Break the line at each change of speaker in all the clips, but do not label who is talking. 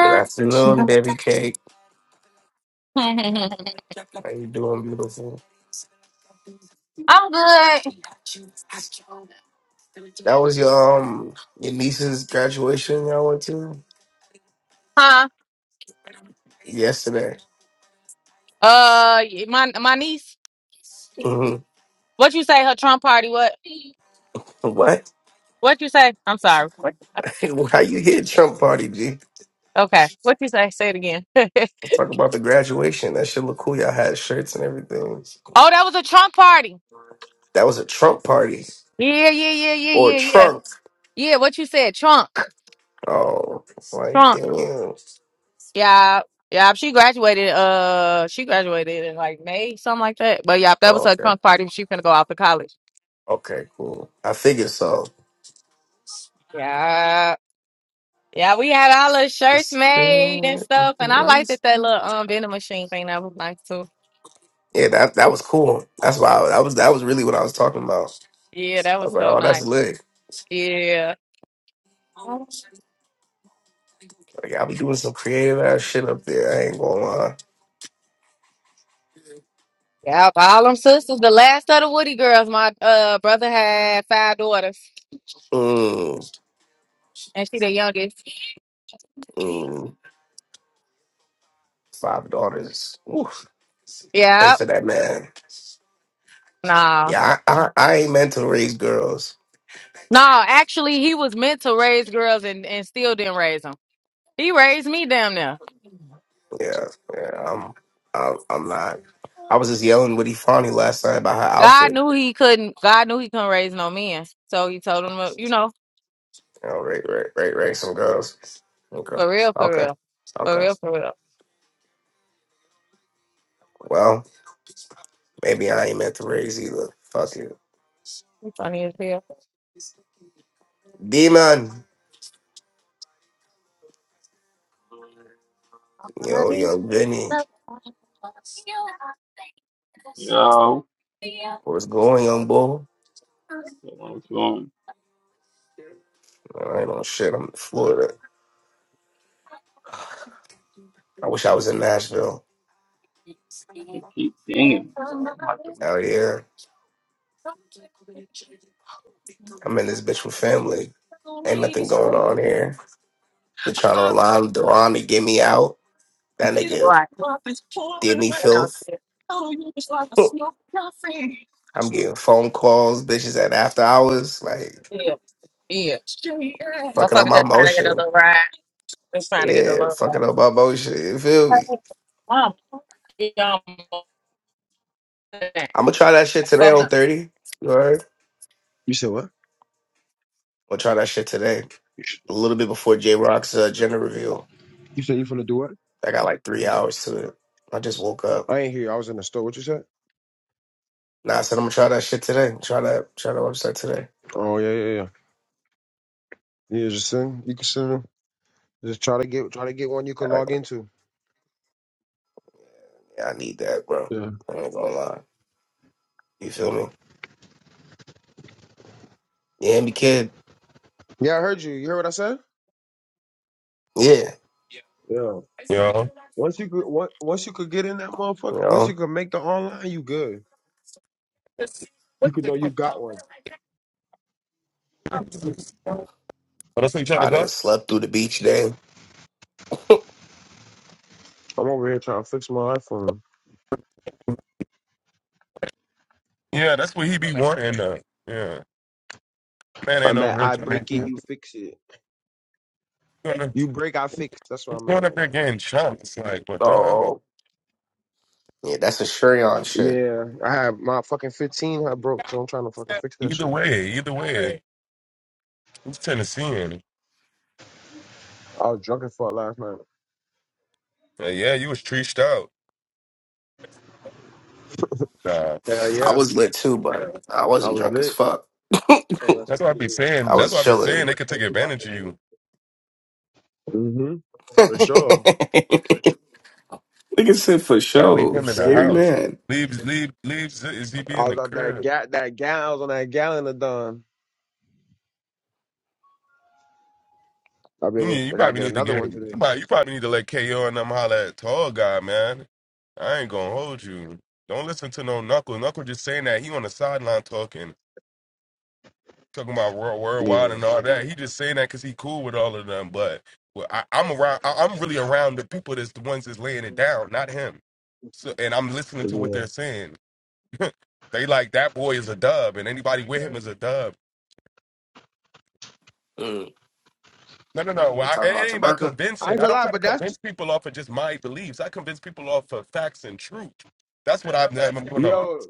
Good afternoon, baby cake. How you doing, beautiful? That was your um your niece's graduation y'all went to yesterday.
Uh, my my niece.
hmm
What you say? Her Trump party. What?
What?
What you say? I'm sorry. What?
How you hit Trump party, G?
Okay. What you say? Say it again. oh,
Let's talk about the graduation. That shit look cool. Y'all had shirts and everything.
that was a trunk party.
That was a Trump party
Yeah, yeah, yeah, yeah,
or
yeah, yeah.
trunk.
Yeah. What you said? Trunk.
Oh, like
Trunks.
damn. Oh,
Yeah. Yeah, she graduated. Uh, she graduated in like May, something like that. But yeah, that was her
okay.
trunk party. She finna go off to college.
Okay, cool. I figured so.
Yeah, yeah, we had all the shirts
It's- uh,
made and stuff, and I
where
liked that
is-
that little um vending machine thing. That was nice too.
Yeah, that that was cool. That's why I, that was that was really what I was talking about.
Yeah, that
I was
was
like,
so
oh,
nice.
that's lit.
Yeah.
Like, I'll be doing some creative ass shit up there. I ain't gonna lie.
Yeah, all them sisters. The last of the Woody girls. My uh brother had five daughters,
Mm,
and she the youngest.
mm. Five daughters. Ooh, I pray
Yeah.
for that man.
Nah.
Yeah, I, I, I ain't meant to raise girls.
nah. actually, he was meant to raise girls and, and still didn't raise them. He raised me damn near.
Yeah, yeah, I'm, I'm, I'm not. I was just yelling with Ifani last night about her
God
outfit.
knew he couldn't. God knew he couldn't raise no men, so he told him, uh, you know,
You know, right, right, right, right. Some girls. Okay,
for real, for
okay,
real, for
okay.
real, for real.
Well, maybe I ain't meant to raise either. Fuck you,
He's funny as hell.
demon. Yo, young Vinny,
Yo,
what's going on, boy?
what's going
I ain't on shit. I'm in Florida. I wish I was in Nashville.
on? Keep pinging, bro.
Out here, I'm in this bitch with family. Ain't nothing going on here. Been trying to rely on Deron to get me out. That
He's
nigga
Right.
did me filth. I'm getting phone calls, bitches at after hours, like
Yeah. Yeah. Yeah. I'm
fucking up
talking
my
just trying to get a
motion.
little ride. Just trying to get a
Yeah,
little
fucking
ride.
up my motion. You feel me?
Mom, y'all,
I'm gonna try that shit today
phone
on
up.
30. You heard?
You said what?
i will try that shit today. A little bit before J Rock's uh, gender reveal.
You said you finna do what?
I got like three hours to it. I just woke up.
I ain't here. I was in the store. What you said?
Nah, I said I'm gonna try that shit today. Try that, try that website today.
Oh yeah, yeah, yeah. Yeah, just send. You can send them. Just try to get try to get one you could
I,
log into.
yeah, I need that, bro.
Yeah.
I ain't gonna lie. You feel me? You hear me, kid?
Yeah, I heard you. You heard what I said?
Yeah.
Yeah.
You know?
Once you could on- once you could get in that motherfucker,
You
once you
know,
could make the online, you good.
Oh, that's what
You could know you got one.
you trying to
I
go?
done slept through the beach day.
I'm over here trying to fix my iPhone.
Yeah, that's what he be wanting. Uh, yeah. Man ain't
I'm
no
at
real
I
man.
break it,
He's
you fix it.
going up
You break, I fix. That's where
he's
I'm at
going up
right
there
now.
getting chunked. like, but um,
Oh, yeah, that's a Shurion shit.
Yeah, I have my fucking 15. I broke, so I'm trying to fucking fix that
either
shit.
way, either way, he's Tennessean.
I was drunk as fuck last night.
Like, yeah, you was treached out. Nah.
Hell
I
yeah,
was lit too, but I
I
wasn't
was
drunk as
lit.
fuck.
So that's
That's what I
actually
be saying.
I
That's
was
what I be saying.
chilling.
They could take
helpful.
advantage of you.
hmm For sure.
Nigga said for
gotta leave
show.
For
him in the
Scary
sure.
house.
man.
Leave, leave, leave Z- ZB
I
in the
was out that
crib.
ga- that gal I was on that gallon of Don. I've
You
been with
need, you
I gotta
probably
get
need to
another
get
one
you
today.
probably, you probably need to let KO and them holler at tall guy, man. I ain't gonna hold you. Don't listen to no knuckle. Knuckle just saying that he on the sideline talking, talking about world worldwide
Yeah.
and all that. He just saying that because he cool with all of them. But well, I, I'm around. I, I'm really around the people that's the ones that's laying it down, not him. So and I'm listening to what
Yeah.
they're saying. They like that boy is a dub, and anybody with him is a dub.
Mm.
No, no, no.
They
Well, I,
talking
it
about
ain't about
Taberka?
I
convincing.
ain't
I
gonna
don't
lie,
try to
but that's
convince people off of just my beliefs. I convince people off of facts and truth. That's what I'm, I'm doing. on.
yo,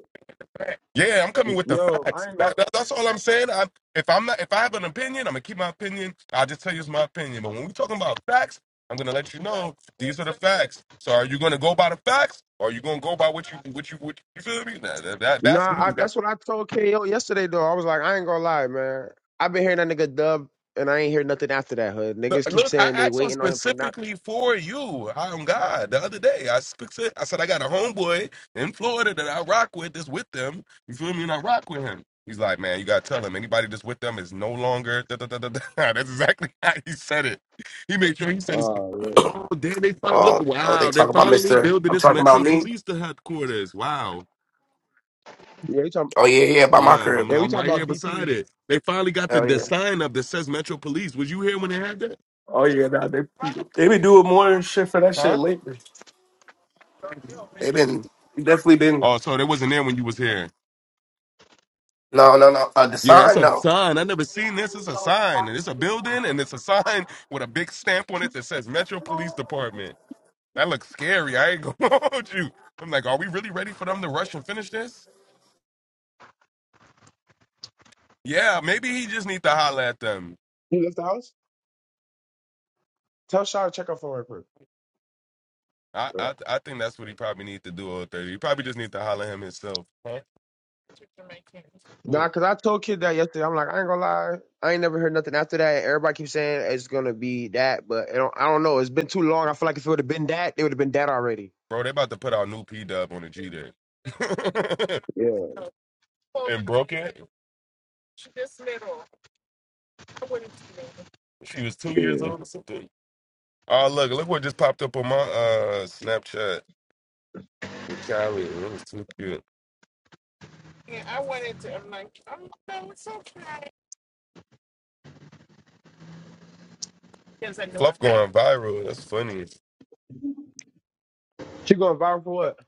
Yeah, I'm coming with the
yo,
facts.
I ain't gonna
That, that, that's all I'm saying. i if I'm not, if I have an opinion, I'm gonna keep my opinion. I'll just tell you it's my opinion. But when we're talking about facts, I'm gonna let you know these are the facts. So are you gonna go by the facts, or are you gonna go by what you what you what you, you feel me? That, that, that-
Nah,
that's
I,
me.
that's what I told KO yesterday though. I was like, I ain't gonna lie, man. I've been hearing that nigga dub and I ain't heard nothing after that, hood. Niggas
Look,
keep
I
saying they
asked him
waiting on him for not
specifically for you. I am God. The other day, I sp- said, I said I got a homeboy in Florida that I rock with. That's with them. You feel me? And I rock with him. He's like, man, you gotta tell him anybody that's with them is no longer. Da, da, da, da, da. That's exactly how he said it. He made sure he said, it's-
Oh yeah.
oh, damn, they fin- look,
Oh, oh, they
wow, they're
talking about
finally
Mister.
building
I'm
this
talking about
Metro
me.
Police to headquarters. Wow.
Yeah, we talking
Oh yeah, yeah, by my
Yeah,
crib.
I'm,
yeah, we
I'm
talking
right
about
here beside
BP.
it. They finally got the,
Hell
the
yeah.
sign up that says Metro Police. Was you here when they had that?
Oh yeah, nah, they they been doing more shit for that shit
Huh?
lately. They been they definitely been.
Oh, so they wasn't there when you was here.
No, no, no. Uh, the
Yeah, it's
sign,
a
no.
sign. I never seen this. It's a sign, and it's a building, and it's a sign with a big stamp on it that says Metro Police Department. That looks scary. I ain't gonna hold you. I'm like, are we really ready for them to rush and finish this? Yeah, maybe he just need to holler at them.
He left the house? Tell Shaw to check up for her quick.
I I, I think that's what he probably need to do. All thirty. He probably just need to holler him himself. Huh?
Nah,
Cool,
cause I told kid that yesterday. I'm like, I ain't gonna lie, I ain't never heard nothing after that. Everybody keeps saying it's gonna be that, but I don't, I don't know. It's been too long. I feel like if it would have been that, it would have been that already.
bro. They about to put out new P Dub on the G there.
Yeah,
and broke it. She was two years
yeah.
old or something. Oh look, look what just popped up on my uh Snapchat with Callie. It was too cute. Fluff going viral. That's funny.
She going viral for what?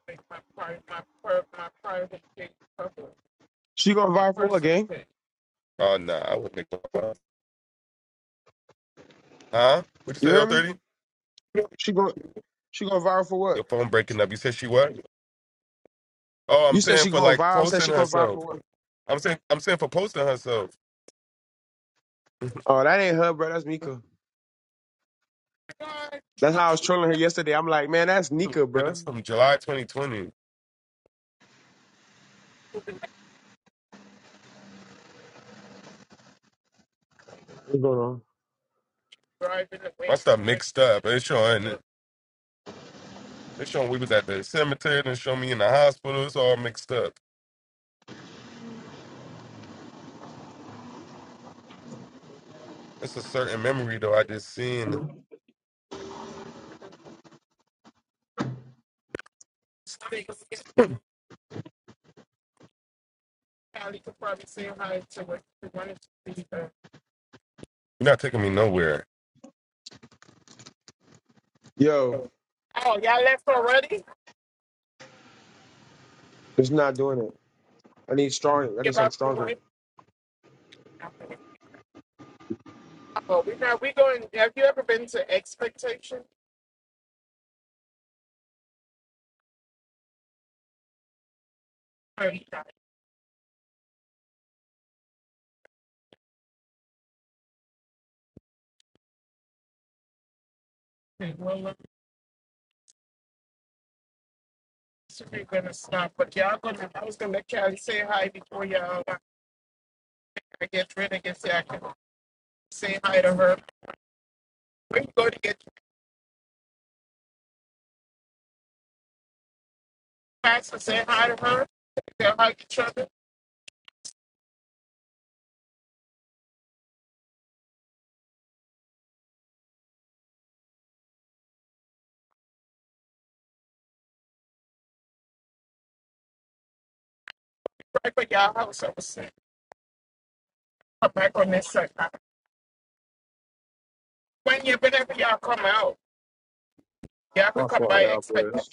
She going viral for what, gang?
Oh nah, I wouldn't. Make that. huh? What you
You
say, L
heard me?
thirty?
She going she going viral for what?
Your phone breaking up. You said she what? Oh, I'm
You said
saying
she
for
going
like
viral. I said
posting
she going viral for
herself.
what?
I'm saying I'm saying for posting herself.
Oh, that ain't her, bro. That's Nika. That's how I was trolling her yesterday. I'm like, man, that's
Dude,
Nika, bro.
That's from July 2020.
What's going on?
My stuff mixed up. It's showing. It's showing we was at the cemetery and showing me in the hospital. It's all mixed up. It's a certain memory though. I just seen. You're not taking me nowhere.
Yo, it's not doing it. I need stronger. I need something stronger. My fault, y'all boys.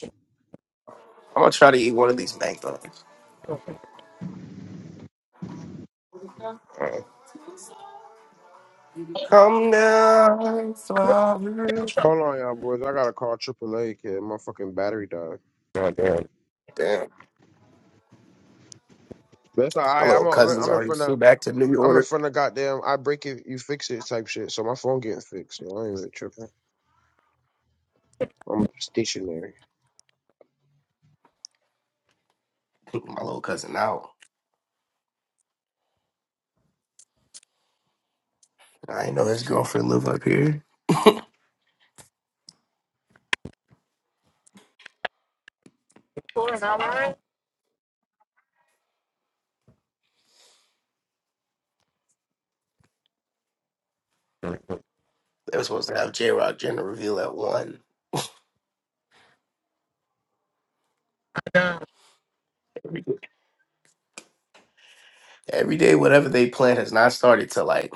I'm gonna try to eat one of these mangoes. Uh, Come down, flower.
Hold on, y'all boys. I gotta call Triple A, kid. My fucking battery died.
Goddamn.
Damn,
That's all
my
right.
little
I'm i am i
cousin's
am in
already
front
flew
of
back to New
I'm in
York.
front of goddamn. I break it, you fix it type shit. So my phone getting fixed. So I ain't really tripping. I'm stationary.
My little cousin out. I didn't know his girlfriend live up here.
Look
They were supposed to have J Rock Jenna reveal at one. Every day, every day, whatever they plan has not started till like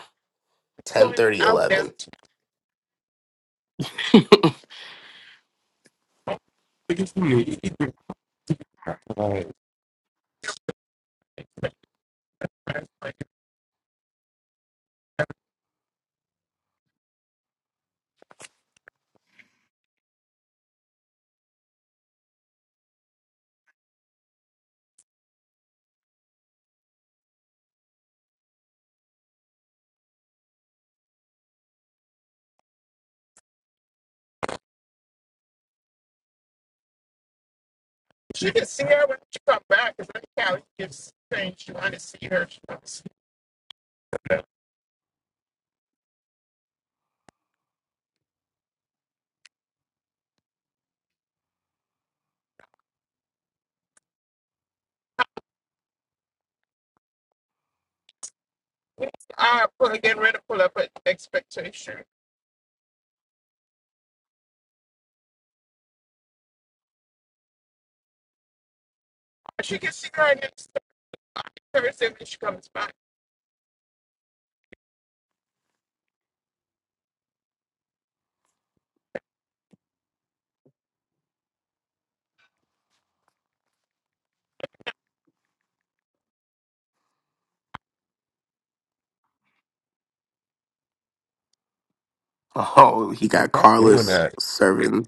ten thirty eleven.
at you. Like,
Oh, he got
Stop doing
Carlos
that.
serving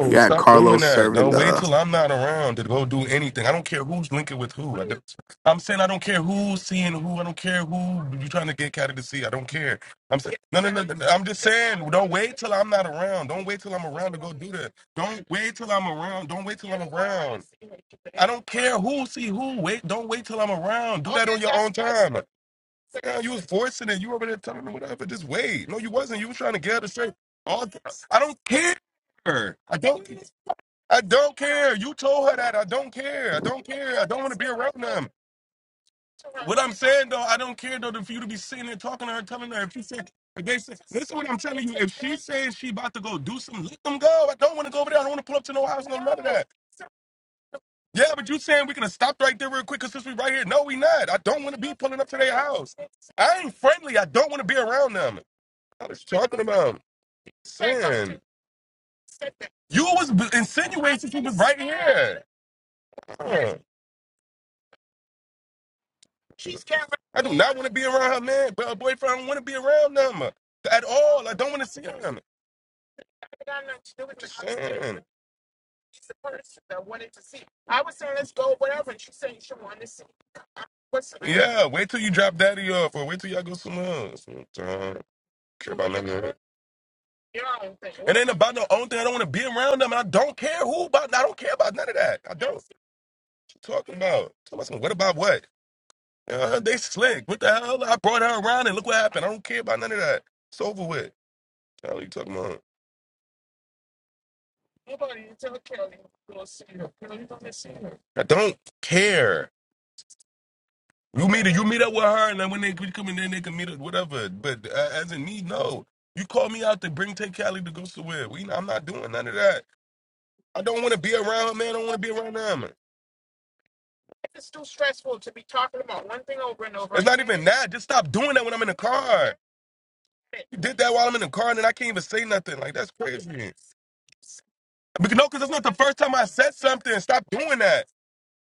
You got
stop doing
Carlos
that.
serving
Don't wait
the
till I'm not around to go do anything. I don't care who's linking with who. I don't, I'm saying I don't care who's seeing who. I don't care who you're trying to get Caddy to see. I don't care. I'm saying no, no, no, no. no. I'm just saying. Don't wait till I'm not around. Don't wait till I'm around to go do that. Don't wait till I'm around. Don't wait till I'm around. I don't care who see who. Wait. Don't wait till I'm around. Do that on your own time. Girl, you was forcing it. You over there telling her whatever. Just wait. No, you wasn't. You was trying to get her to straight. All th- I don't care. I don't. I don't care. You told her that. I don't care. I don't care. I don't want to be around them. What I'm saying though, I don't care though. For you to be sitting there talking to her, telling her if she said, if they said, listen, what I'm telling you. If she says she about to go do something, let them go. I don't want to go over there. I don't want to pull up to no house. No none of that. Yeah, but you saying we could have stopped right there real quick because since we right here. No, we not. I don't want to be pulling up to their house. I ain't friendly. I don't want to be around them. I was talking about saying you was b- insinuating she was right here. Uh, I do not want to be around her man, but her boyfriend I don't want to be around them uh, at all. I don't want to see them. Just saying. Yeah, wait till you drop daddy off or wait till y'all go somewhere else. Don't Care about nothing. It ain't about no own thing. I don't want to be around them. I don't care who about. I don't care about none of that. I don't. What you talking about? Talking about some, what about what? Uh, they slick. What the hell? I brought her around and look what happened. I don't care about none of that. It's over with. The hell you talking about? I don't care. You meet you meet up with her, and then when they come in, then they can meet up, whatever. But uh, as in me, no. You call me out to bring Tay Cali to go somewhere. We, I'm not doing none of that. I don't want to be around her, man. I don't want to be around them. It's not again. even that. Just stop doing that when I'm in the car. You did that while I'm in the car, and then I can't even say nothing. Like that's crazy. Because no, because it's not the first time I said something. Stop doing that.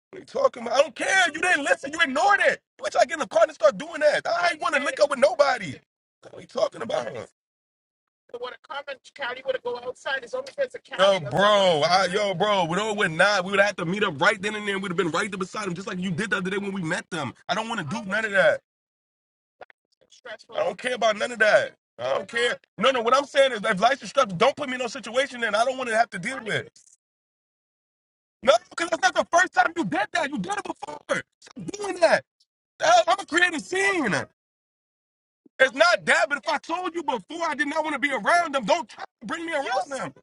What are you talking about? I don't care. You didn't listen. You ignored it. Bitch, I get in the car and start doing that. I ain't want to link up with nobody. What are you talking about? Yo, bro, I, yo, bro, we don't, we're not. We would have had to meet up right then and there. We'd have been right there beside him, just like you did the other day when we met them. I don't want to do none of that. I don't care about none of that. I don't care. No, no. What I'm saying is, if life's stressful, don't put me in no situation that I don't want to have to deal with. No, because that's not the first time you did that. You did it before. Stop doing that. I'm gonna create a scene. It's not that, but if I told you before I did not want to be around them, don't try to bring me around them.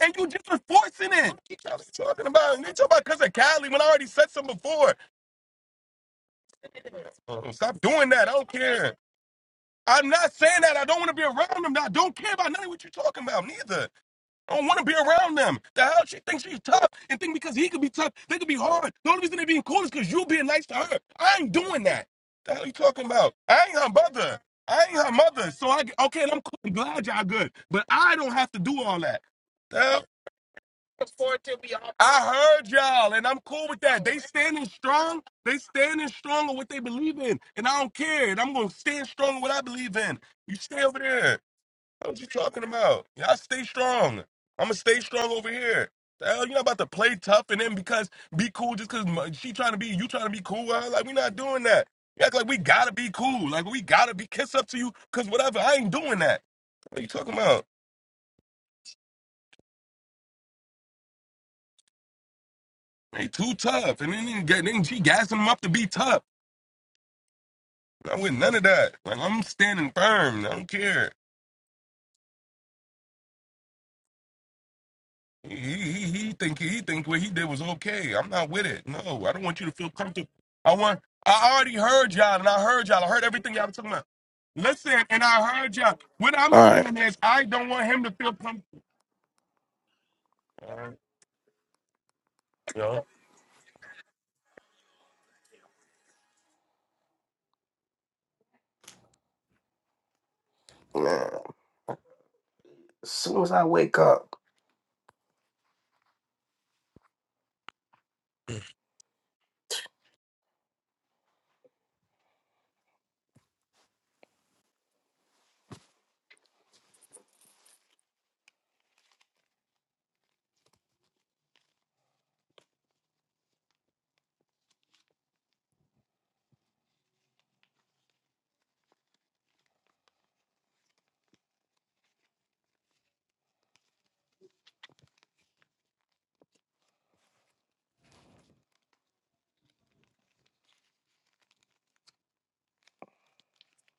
And you just was forcing it. What you talking about? You talking about because of Cali when I already said something before. Oh, Stop doing that. I don't care. I'm not saying that I don't want to be around them. I don't care about none of what you're talking about, neither. I don't want to be around them. The hell she thinks she's tough and think because he could be tough, they could be hard. The only reason they being cool is because you being nice to her. I ain't doing that. The hell you talking about? I ain't her mother. I ain't her mother. So I okay, and I'm cool. I'm glad y'all good, but I don't have to do all that. The hell, I heard y'all, and I'm cool with that. They standing strong. They standing strong on what they believe in, and I don't care. And I'm gonna stand strong on what I believe in. You stay over there. What you talking about? Y'all stay strong. I'ma stay strong over here. The hell, you're not about to play tough and then because be cool just because she trying to be you trying to be cool. with Like we not doing that. You act like we gotta be cool. Like we gotta be kiss up to you because whatever. I ain't doing that. What you talking about? They too tough, and then he get then she gassing them up to be tough. I'm with none of that. Like I'm standing firm. I don't care. He, he, he think he think what he did was okay. I'm not with it. No, I don't want you to feel comfortable. I want. I already heard y'all, and I heard y'all. I heard everything y'all were talking about. Listen, and I heard y'all. What I'm
All right,
saying is, I don't want him to feel comfortable. Yo,
man. As soon as I wake up,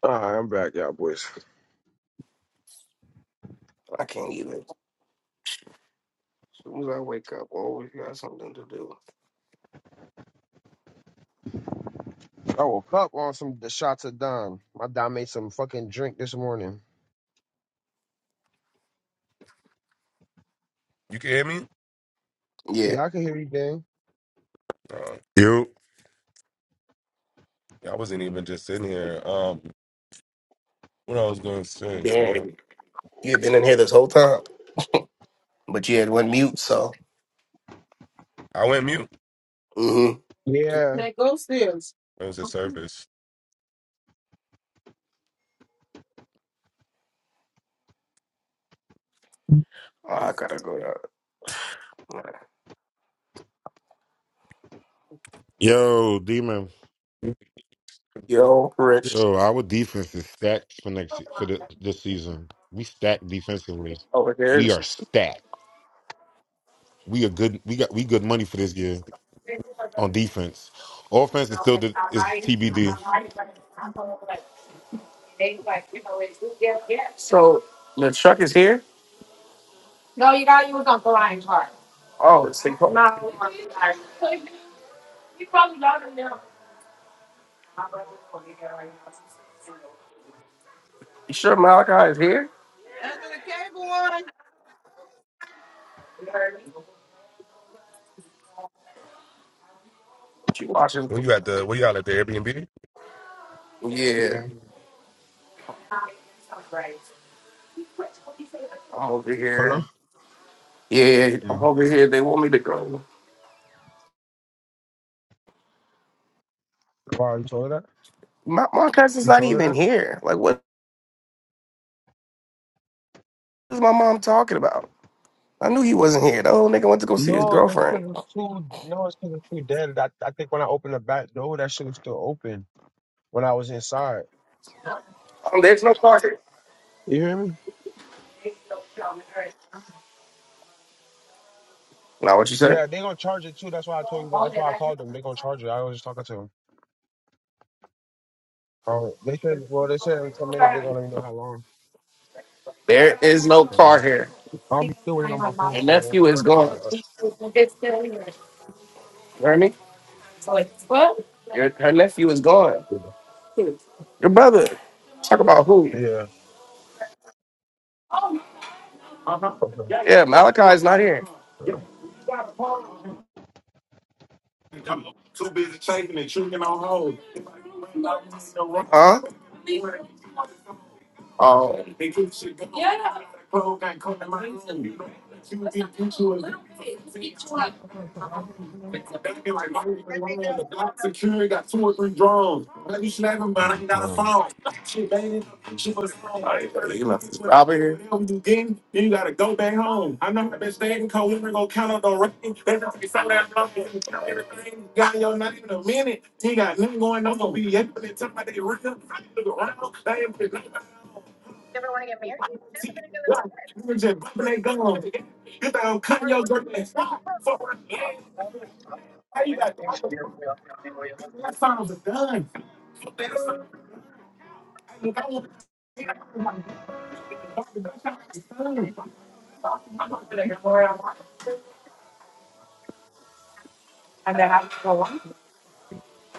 All right, I'm back, y'all boys.
I can't even. As soon as I wake up, I always got something to do.
I woke up on some the shots of Don. My Don made some fucking drink this morning.
you can hear me?
Yeah,
Yeah, I can hear you, Dan.
Uh,
Yo,
I wasn't even just sitting here. Um, what I was gonna say? Uh,
damn. You had been in here this whole time, but you had one mute, so.
I went mute.
Mm-hmm.
Yeah,
That ghost is.
It was a service.
Oh, I gotta go. to-
yo, demon.
Yo, Rich.
Yo, our defense is stacked for next for the this season. We stacked defensively.
Oh, it
We are
is.
stacked. We are good. We got we good money for this year on defense. Offense is still the, is TBD.
So the truck is here. Oh, it's the No. You sure Malachi is here?
After the cable one.
What you watching?
Were you at the? Where y'all at the Airbnb?
Yeah,
yeah.
I'm over
Hello.
here. Yeah, I'm
Yeah.
over here. They want me to go.
Why you told her that?
My, my cousin's
You
not
told her
even
that?
here. Like, what is my mom talking about? I knew he wasn't here. The old nigga went to go see his
No, it's
girlfriend.
because it's too. No, it's because it's too dead. I, I think when I opened the back door, that shit was still open. when I was inside.
Um, there's no car here.
You hear me?
Now, what you say?
Yeah, they gonna charge it too. That's why I told you. That's why I called them. They gonna charge it. I was just talking to them. Oh, they said. Well, they said in ten minutes they're gonna let me know how long.
There is no
You
car
know,
here.
I'll be still waiting on my phone,
Your
so it don't
nephew
feel
is
like I'm in
gone.
a rush.
You heard me? Your, her nephew is gone.
you
Your brother. Talk about who?
know. Yeah.
Yeah, Malachi's not here.
Okay.
Huh? Oh. They be like, why you been lying on the block security? Got two or three drones. Let me snap him, but I ain't got a
Um,
phone. Shit, baby, she was picture for song. All right, brother, you left this out here. Whatever you getting, then you gotta go back home. I know I've been staying cold. We been gonna count on the rain. They don't be so that long. Everything you got yo, not even a minute. He got nothing going on. Gonna be every time they rip. I look around. They ain't put nobody on. See, yeah, you just bumping they guns. You think I'm cutting your girl and stop? Fuck, yeah. How you got I was that sound was a gun. So that sound like I want to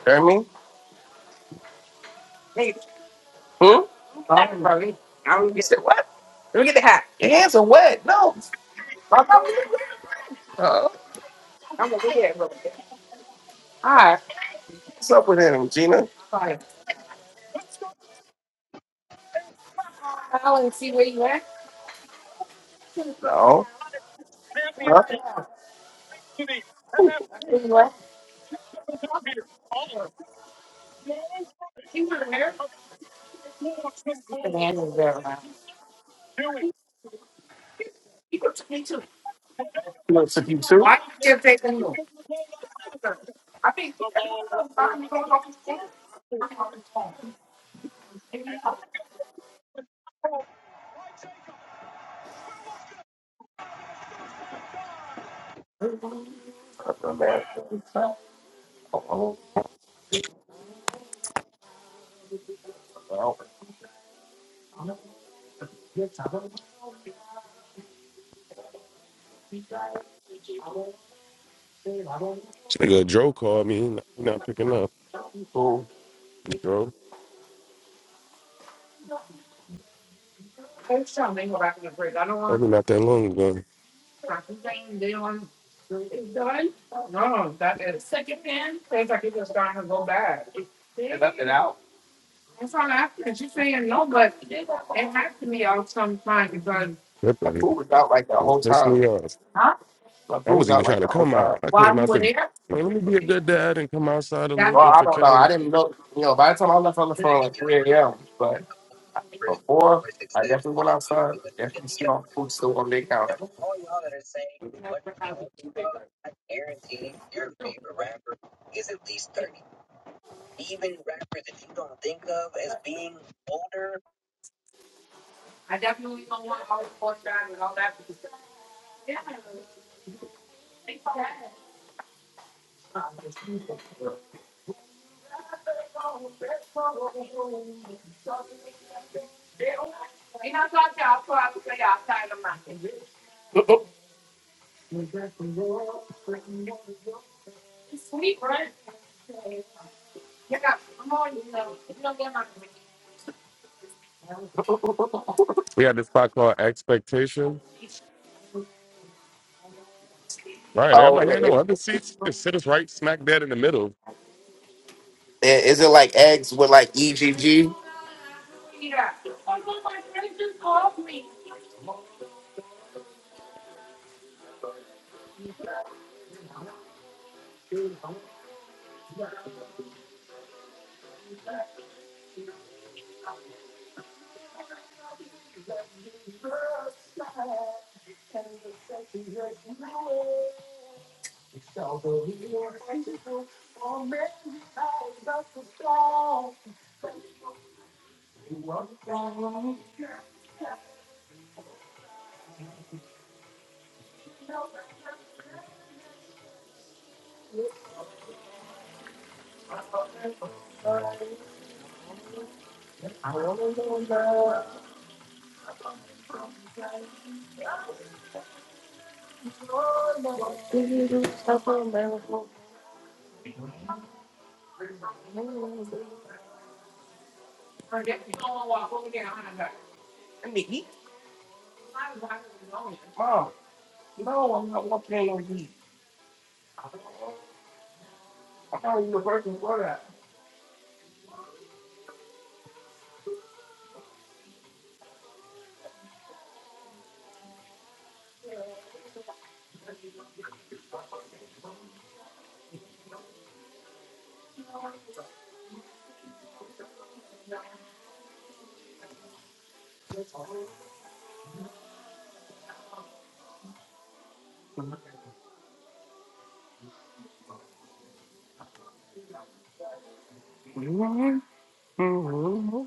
Hear me? Hmm? I don't get it. What? Let me get the hat. Your hands are wet. No. Uh, what's up with him, Gina? No. Huh? Two. Oh, man. Oh, oh, oh.
This nigga Joe called me. He not, he not picking up.
Cool.
Joe, probably not that long
They left it out. My
ago.
food was out like the whole
It pissed
time.
me off.
My
I
food
was
was
even
out like
trying to
the whole
come
time.
out. I came out there. "Man, let me be a good dad and come outside a little
Well,
bit
I
for
don't know. I
Kelly.
didn't know. You know, by the time I left on the phone, like 3 a.m., but. Before I definitely went outside, definitely seen all the food still on their counter.
We had this spot called Expectation. Right, and I'm
Oh,
like,
it,
ain't no
it,
other seats. Just sit us right smack dead in the middle.
it- is it like eggs with like EGG? I mean, eat, mom. No, I'm not walking in on meat. I'm not even a person for that. Mhm. Mhm.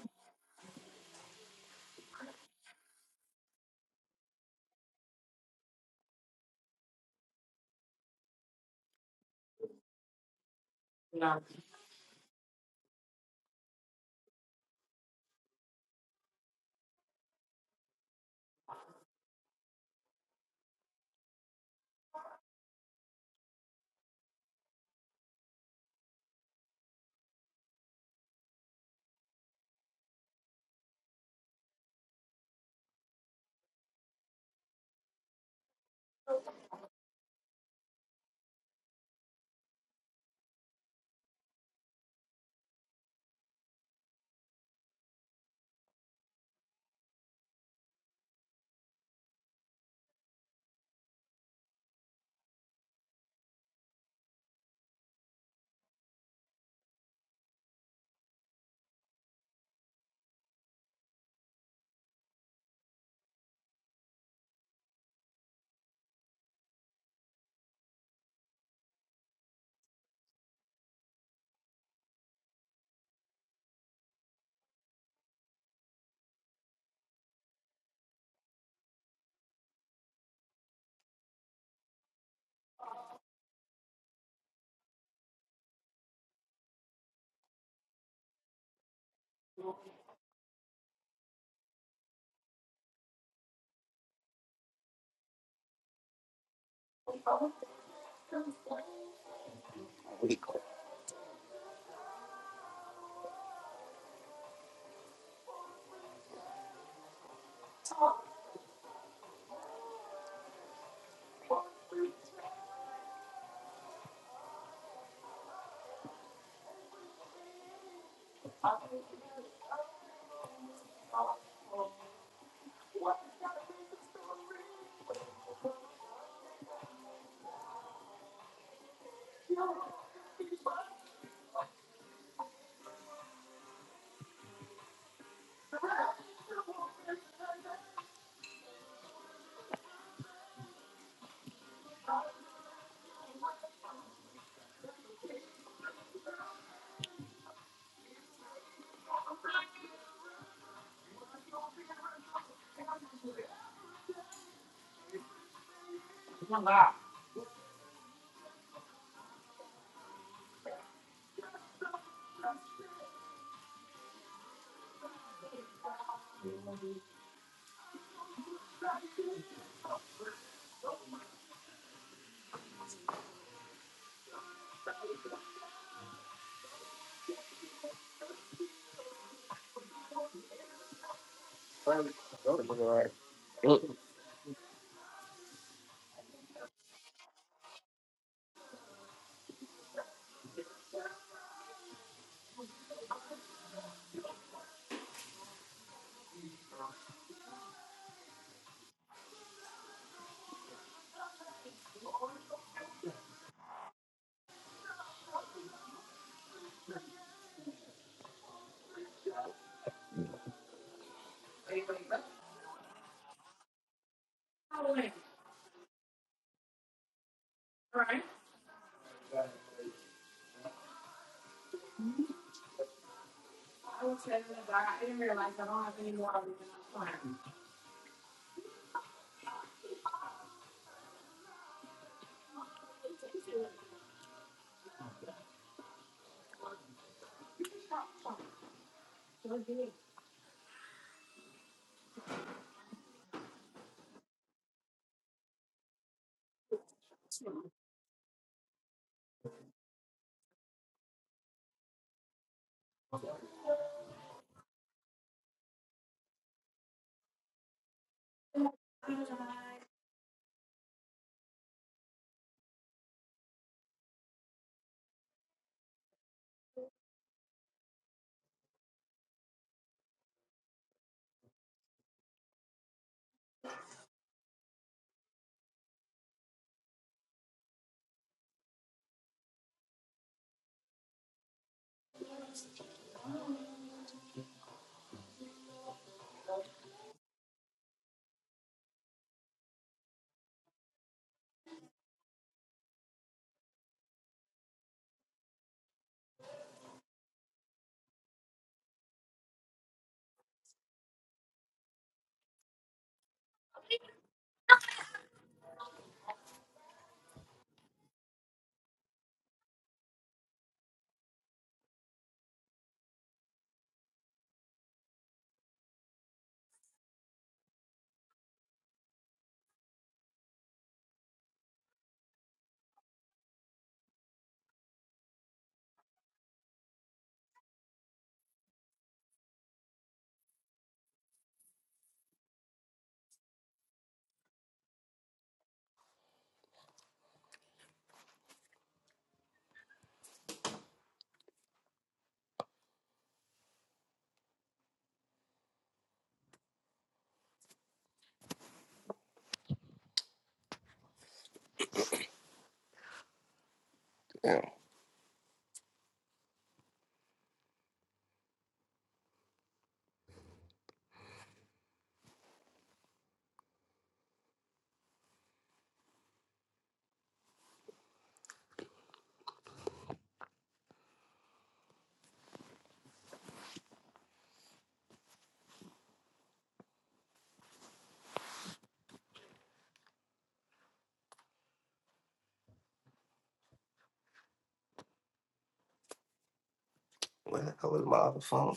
Where the hell is my other phone?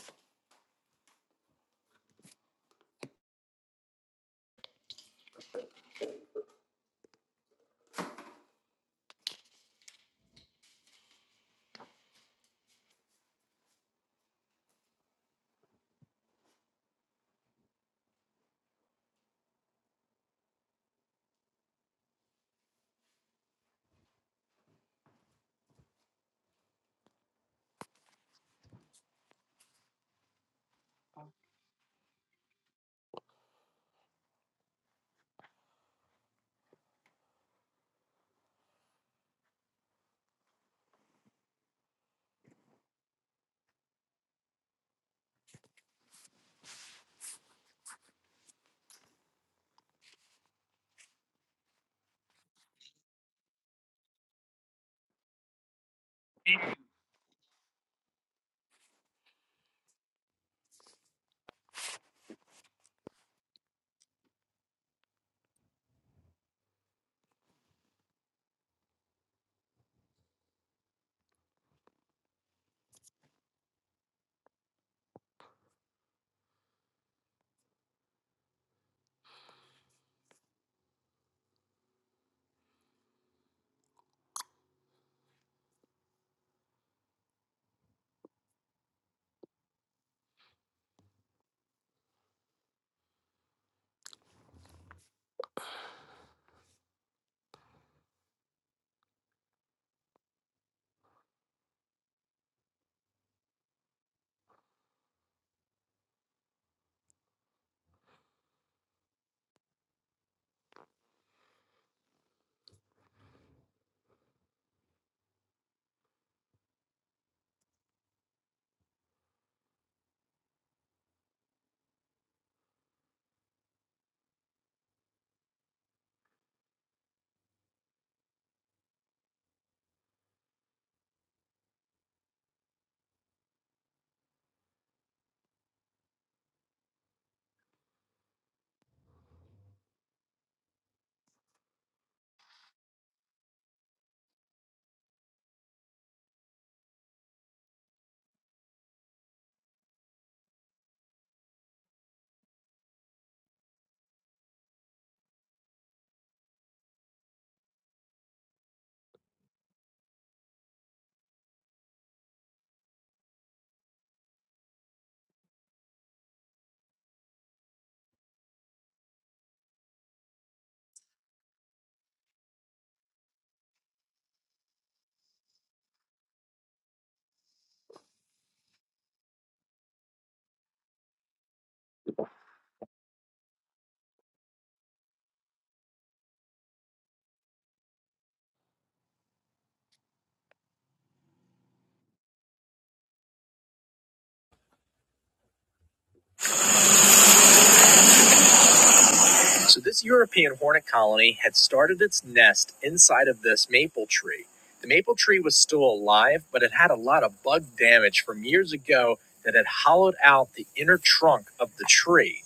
So this European hornet colony had started its nest inside of this maple tree. The maple tree was still alive, but it had a lot of bug damage from years ago that had hollowed out the inner trunk of the tree.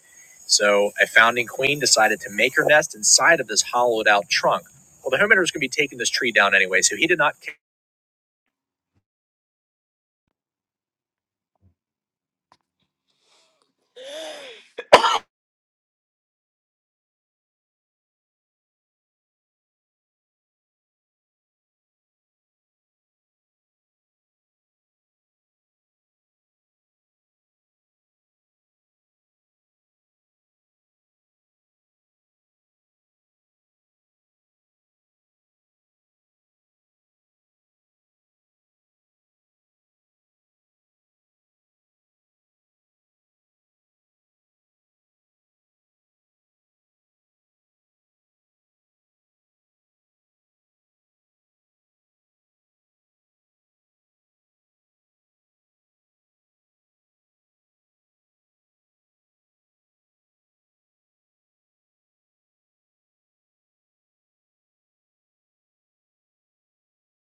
So a founding queen decided to make her nest inside of this hollowed out trunk. Well, the homeowner was going to be taking this tree down anyway, so he did not